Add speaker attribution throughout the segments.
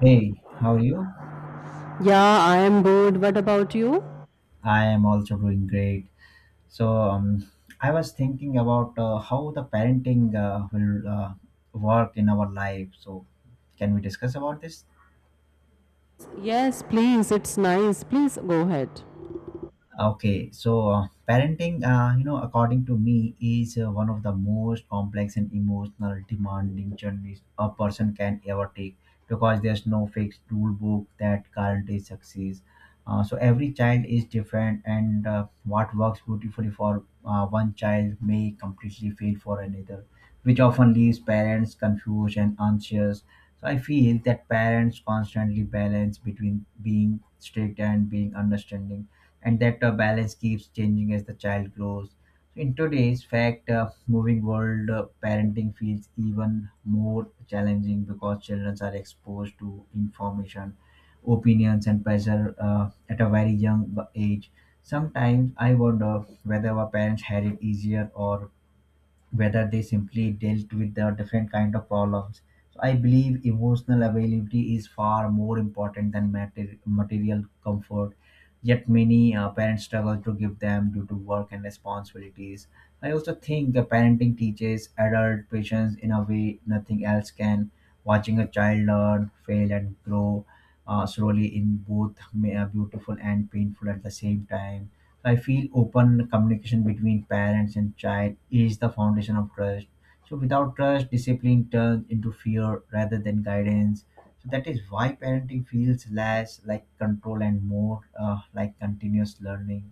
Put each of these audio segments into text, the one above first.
Speaker 1: Hey, how are you?
Speaker 2: Yeah, I am good. What about you?
Speaker 1: I am also doing great. So, um, I was thinking about how the parenting will work in our life. So, can we discuss about this?
Speaker 2: Yes, please. It's nice. Please go ahead.
Speaker 1: Okay, so parenting, according to me, is one of the most complex and emotional demanding journeys a person can ever take because there's no fixed rule book that guarantees success. So every child is different, and what works beautifully for one child may completely fail for another, which often leaves parents confused and anxious. So I feel that parents constantly balance between being strict and being understanding and that balance keeps changing as the child grows. So in today's fact moving world, parenting feels even more challenging because children are exposed to information, opinions, and pressure at a very young age. Sometimes I wonder whether our parents had it easier or whether they simply dealt with the different kind of problems. So I believe emotional availability is far more important than material comfort, yet many parents struggle to give them due to work and responsibilities. I also think the parenting teaches adult patience in a way nothing else can. Watching a child learn, fail, and grow slowly in both beautiful and painful at the same time. I feel open communication between parents and child is the foundation of trust. So without trust, discipline turns into fear rather than guidance. So that is why parenting feels less like control and more like continuous learning.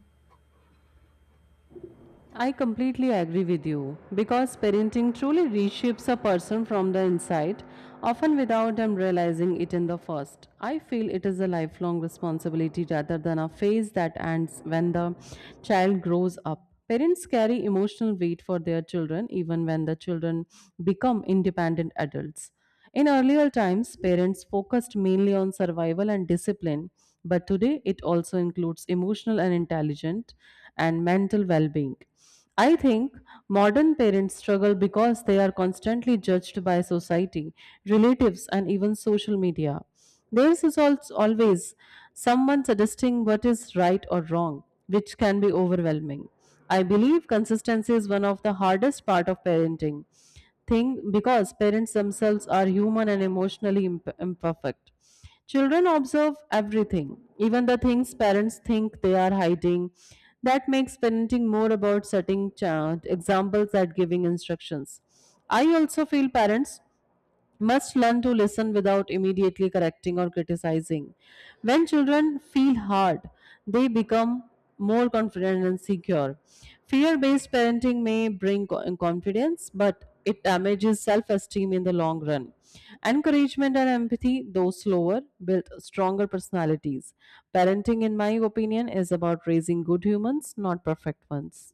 Speaker 2: I completely agree with you because parenting truly reshapes a person from the inside, often without them realizing it in the first. I feel it is a lifelong responsibility rather than a phase that ends when the child grows up. Parents carry emotional weight for their children even when the children become independent adults. In earlier times, parents focused mainly on survival and discipline, but today it also includes emotional and intelligent and mental well being. I think modern parents struggle because they are constantly judged by society, relatives, and even social media. There is also always someone suggesting what is right or wrong, which can be overwhelming. I believe consistency is one of the hardest part of parenting thing because parents themselves are human and emotionally imperfect. Children observe everything, even the things parents think they are hiding. That makes parenting more about setting examples than giving instructions. I also feel parents must learn to listen without immediately correcting or criticizing. When children feel hard, they become more confident and secure. Fear based parenting may bring confidence, but it damages self esteem in the long run. Encouragement and empathy, though slower, build stronger personalities. Parenting, in my opinion, is about raising good humans, not perfect ones.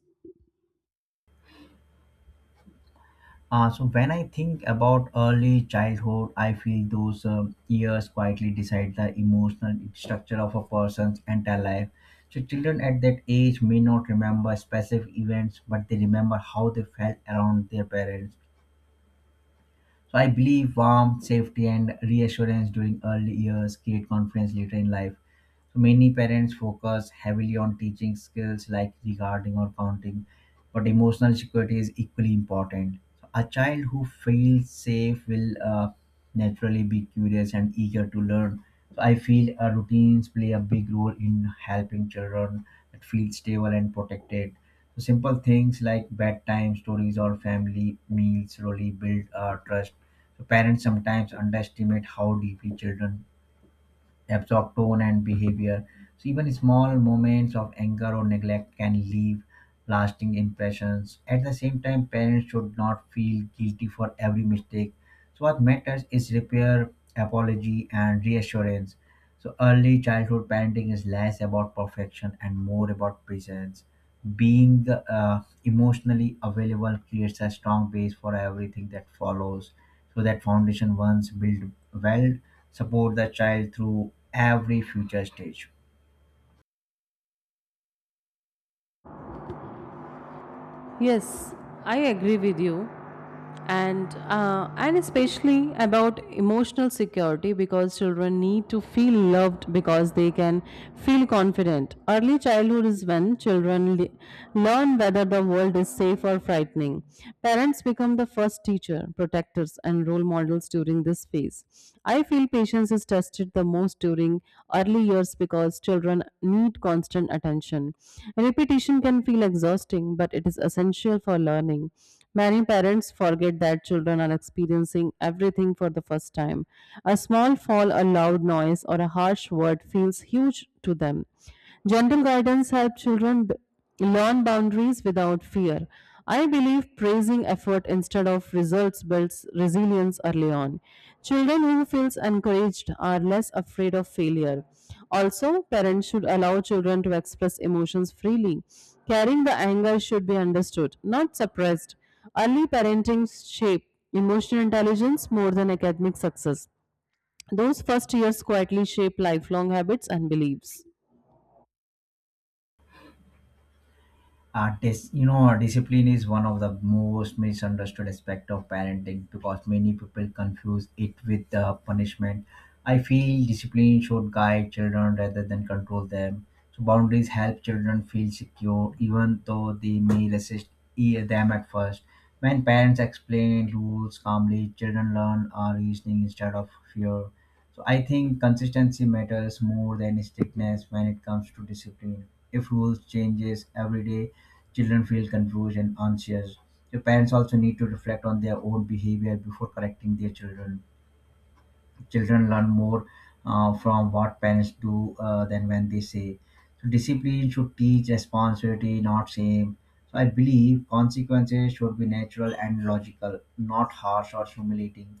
Speaker 1: So when I think about early childhood, I feel those years quietly decide the emotional structure of a person's entire life. So children at that age may not remember specific events, but they remember how they felt around their parents. So I believe warmth, safety, and reassurance during early years create confidence later in life. So many parents focus heavily on teaching skills like regarding or counting, but emotional security is equally important. So a child who feels safe will naturally be curious and eager to learn. So I feel routines play a big role in helping children that feel stable and protected. So simple things like bedtime stories or family meals slowly build trust. So parents sometimes underestimate how deeply children absorb tone and behavior. So even small moments of anger or neglect can leave lasting impressions. At the same time, parents should not feel guilty for every mistake. So what matters is repair, apology, and reassurance. So early childhood parenting is less about perfection and more about presence. Being emotionally available creates a strong base for everything that follows. So that foundation, once built well, support the child through every future stage.
Speaker 2: Yes, I agree with you, and especially about emotional security because children need to feel loved because they can feel confident. Early childhood is when children learn whether the world is safe or frightening. Parents become the first teacher protectors and role models during this phase. I feel patience is tested the most during early years because children need constant attention. Repetition can feel exhausting, but it is essential for learning. Many parents forget that children are experiencing everything for the first time. A small fall, a loud noise, or a harsh word feels huge to them. Gentle guidance helps learn boundaries without fear. I believe praising effort instead of results builds resilience early on. Children who feel encouraged are less afraid of failure. Also, parents should allow children to express emotions freely. Carrying the anger should be understood, not suppressed. Early parenting shape emotional intelligence more than academic success. Those first years quietly shape lifelong habits and beliefs.
Speaker 1: Discipline is one of the most misunderstood aspect of parenting because many people confuse it with punishment. I feel discipline should guide children rather than control them. So boundaries help children feel secure even though they may resist them at first. When parents explain rules calmly, children learn reasoning instead of fear. So I think consistency matters more than strictness when it comes to discipline. If rules changes every day, children feel confused and anxious. So parents also need to reflect on their own behavior before correcting their children. Children learn more from what parents do than when they say. So discipline should teach responsibility, not shame. So I believe consequences should be natural and logical, not harsh or humiliating.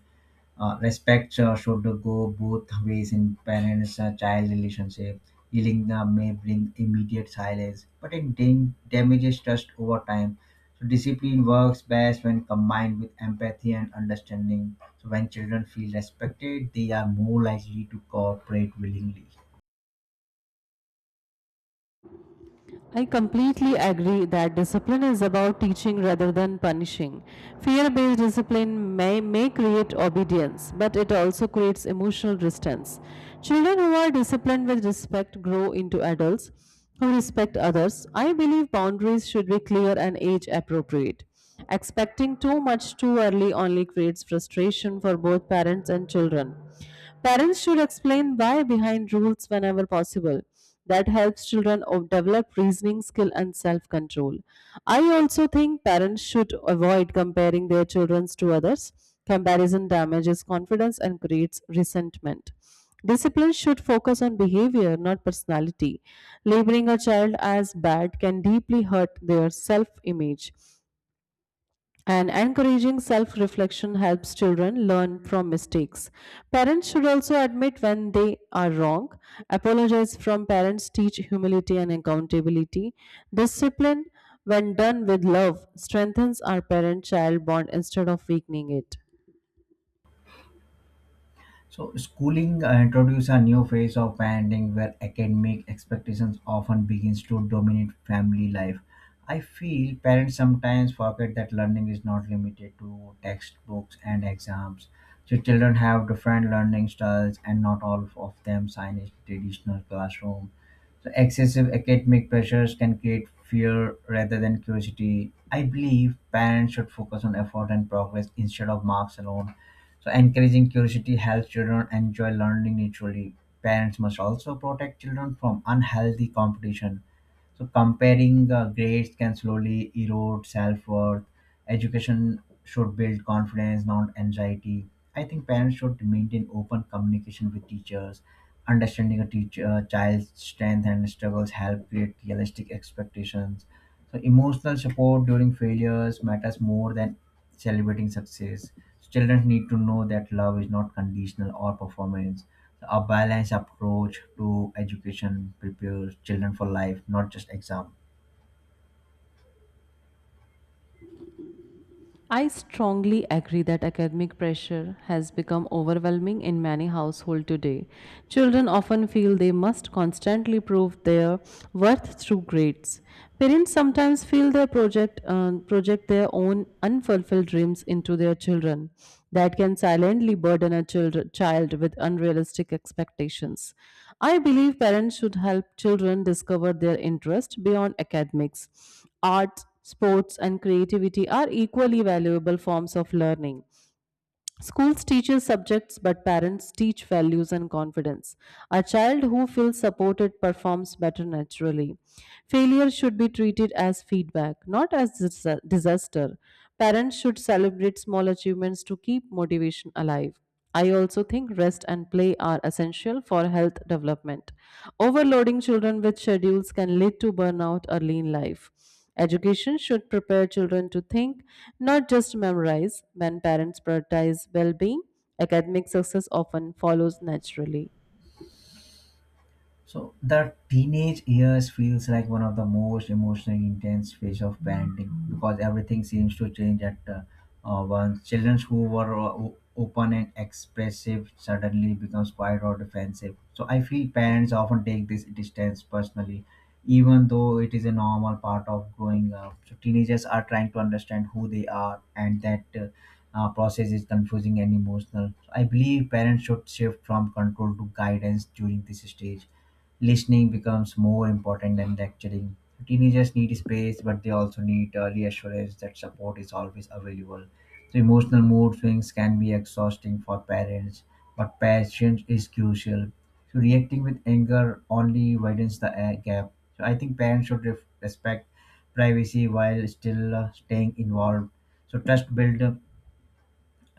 Speaker 1: Respect should go both ways in parents child relationship. Healing may bring immediate silence, but it damages trust over time. So discipline works best when combined with empathy and understanding. So when children feel respected, they are more likely to cooperate willingly.
Speaker 2: I completely agree that discipline is about teaching rather than punishing. Fear based discipline may create obedience, but it also creates emotional distance. Children who are disciplined with respect grow into adults who respect others. I believe boundaries should be clear and age appropriate. Expecting too much too early only creates frustration for both parents and children. Parents should explain why behind rules whenever possible. That helps develop reasoning skill and self control. I also think parents should avoid comparing their children to others. Comparison damages confidence and creates resentment. Discipline should focus on behavior, not personality. Labeling a child as bad can deeply hurt their self image. And encouraging self reflection helps children learn from mistakes. Parents should also admit when they are wrong. Apologize from parents teach humility and accountability. Discipline, when done with love, strengthens our parent child bond instead of weakening it.
Speaker 1: So, schooling introduced a new phase of parenting where academic expectations often begins to dominate family life. I feel parents sometimes forget that learning is not limited to textbooks and exams. So, children have different learning styles, and not all of them sign a traditional classroom. So excessive academic pressures can create fear rather than curiosity. I believe parents should focus on effort and progress instead of marks alone. So encouraging curiosity helps children enjoy learning naturally. Parents must also protect children from unhealthy competition. So comparing grades can slowly erode self-worth. Education should build confidence, not anxiety. I think parents should maintain open communication with teachers. Understanding a teacher, child's strength and struggles help create realistic expectations. So emotional support during failures matters more than celebrating success. So, children need to know that love is not conditional or performance. A balanced approach to education prepares children for life, not just exam.
Speaker 2: I strongly agree that academic pressure has become overwhelming in many households today. Children often feel they must constantly prove their worth through grades. Parents sometimes feel they project their own unfulfilled dreams into their children. That can silently burden a child with unrealistic expectations. I believe parents should help children discover their interest beyond academics. Art, sports and creativity are equally valuable forms of learning. Schools teaches subjects, but parents teach values and confidence. A child who feels supported performs better naturally. Failure should be treated as feedback, not as disaster. Parents should celebrate small achievements to keep motivation alive. I also think rest and play are essential for health development. Overloading children with schedules can lead to burnout early in life. Education should prepare children to think, not just memorize. When parents prioritize well being, academic success often follows naturally.
Speaker 1: So the teenage years feels like one of the most emotionally intense phase of parenting because everything seems to change at once. Children who were open and expressive suddenly becomes quiet or defensive. So I feel parents often take this distance personally, even though it is a normal part of growing up. So teenagers are trying to understand who they are, and that process is confusing and emotional. So I believe parents should shift from control to guidance during this stage. Listening becomes more important than lecturing. Teenagers need space, but they also need reassurance that support is always available. So emotional mood swings can be exhausting for parents, but patience is crucial. So reacting with anger only widens the gap. So I think parents should respect privacy while still staying involved. So trust build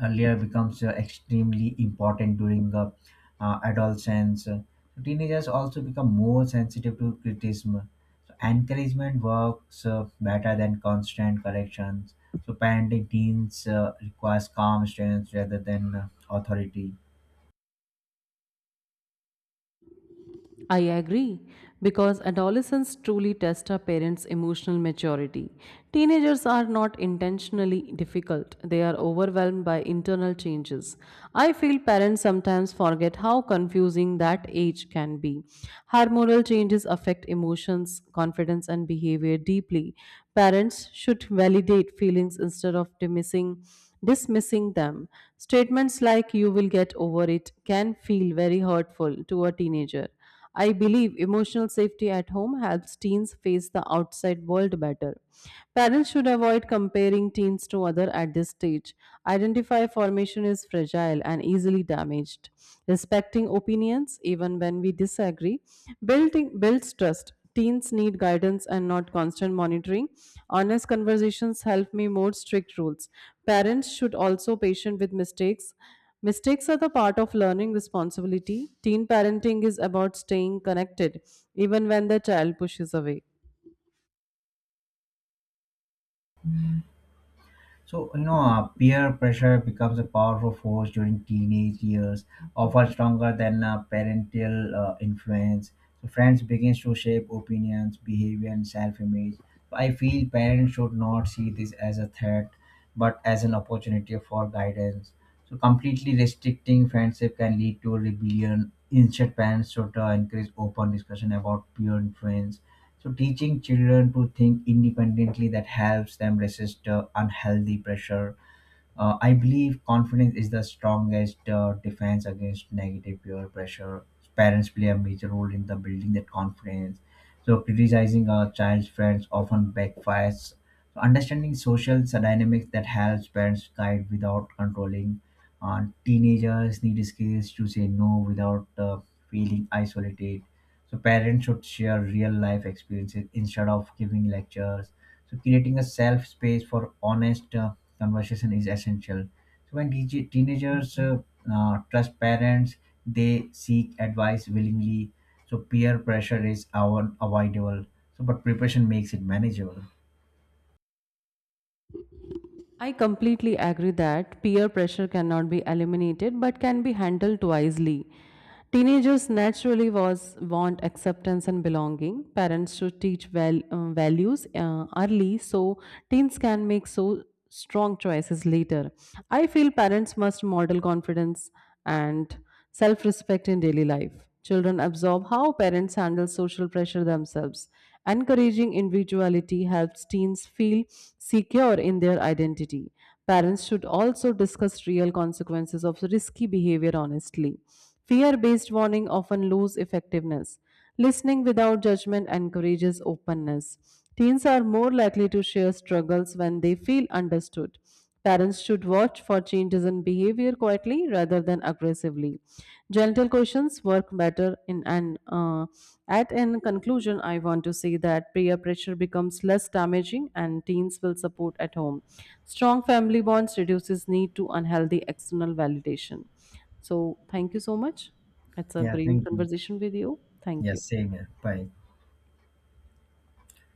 Speaker 1: layer becomes extremely important during adolescence. So teenagers also become more sensitive to criticism. So encouragement works better than constant corrections. So parenting teens requires calm students rather than authority.
Speaker 2: I agree because adolescents truly test our parents' emotional maturity. Teenagers are not intentionally difficult, they are overwhelmed by internal changes. I feel parents sometimes forget how confusing that age can be. Hormonal changes affect emotions, confidence, and behavior deeply. Parents should validate feelings instead of dismissing them. Statements like you will get over it can feel very hurtful to a teenager. I believe emotional safety at home helps teens face the outside world better. Parents should avoid comparing teens to other at this stage. Identify formation is fragile and easily damaged. Respecting opinions, even when we disagree, building builds trust. Teens need guidance and not constant monitoring. Honest conversations help me more strict rules. Parents should also patient with mistakes. Mistakes are the part of learning responsibility. Teen parenting is about staying connected even when the child pushes away.
Speaker 1: So peer pressure becomes a powerful force during teenage years, often stronger than parental influence. So, friends begins to shape opinions, behavior, and self-image. So, I feel parents should not see this as a threat, but as an opportunity for guidance. So, completely restricting friendship can lead to rebellion. Instead, parents should encourage open discussion about peer influence. So teaching children to think independently that helps them resist unhealthy pressure. I believe confidence is the strongest defense against negative peer pressure. Parents play a major role in the building that confidence. So criticizing a child's friends often backfires. So understanding social dynamics that helps parents guide without controlling. Teenagers need skills to say no without feeling isolated. So parents should share real life experiences instead of giving lectures. So creating a safe space for honest conversation is essential. So when teenagers trust parents, they seek advice willingly. So peer pressure is our unavoidable, so but preparation makes it manageable.
Speaker 2: I completely agree that peer pressure cannot be eliminated but can be handled wisely. Teenagers naturally was want acceptance and belonging. Parents should teach values early so teens can make so strong choices later. I feel parents must model confidence and self-respect in daily life. Children absorb how parents handle social pressure themselves. Encouraging individuality helps teens feel secure in their identity. Parents should also discuss real consequences of risky behavior honestly. Fear based warning often lose effectiveness. Listening without judgment encourages openness. Teens are more likely to share struggles when they feel understood. Parents should watch for changes in behavior quietly rather than aggressively. Gentle questions work better in an at in conclusion I want to say that peer pressure becomes less damaging and teens will support at home. Strong family bonds reduces need to unhealthy external validation. So, thank you so much. It's a
Speaker 1: Yeah,
Speaker 2: great
Speaker 1: thank you.
Speaker 2: conversation with you. Thank
Speaker 1: Yeah,
Speaker 2: you.
Speaker 1: same here. Bye.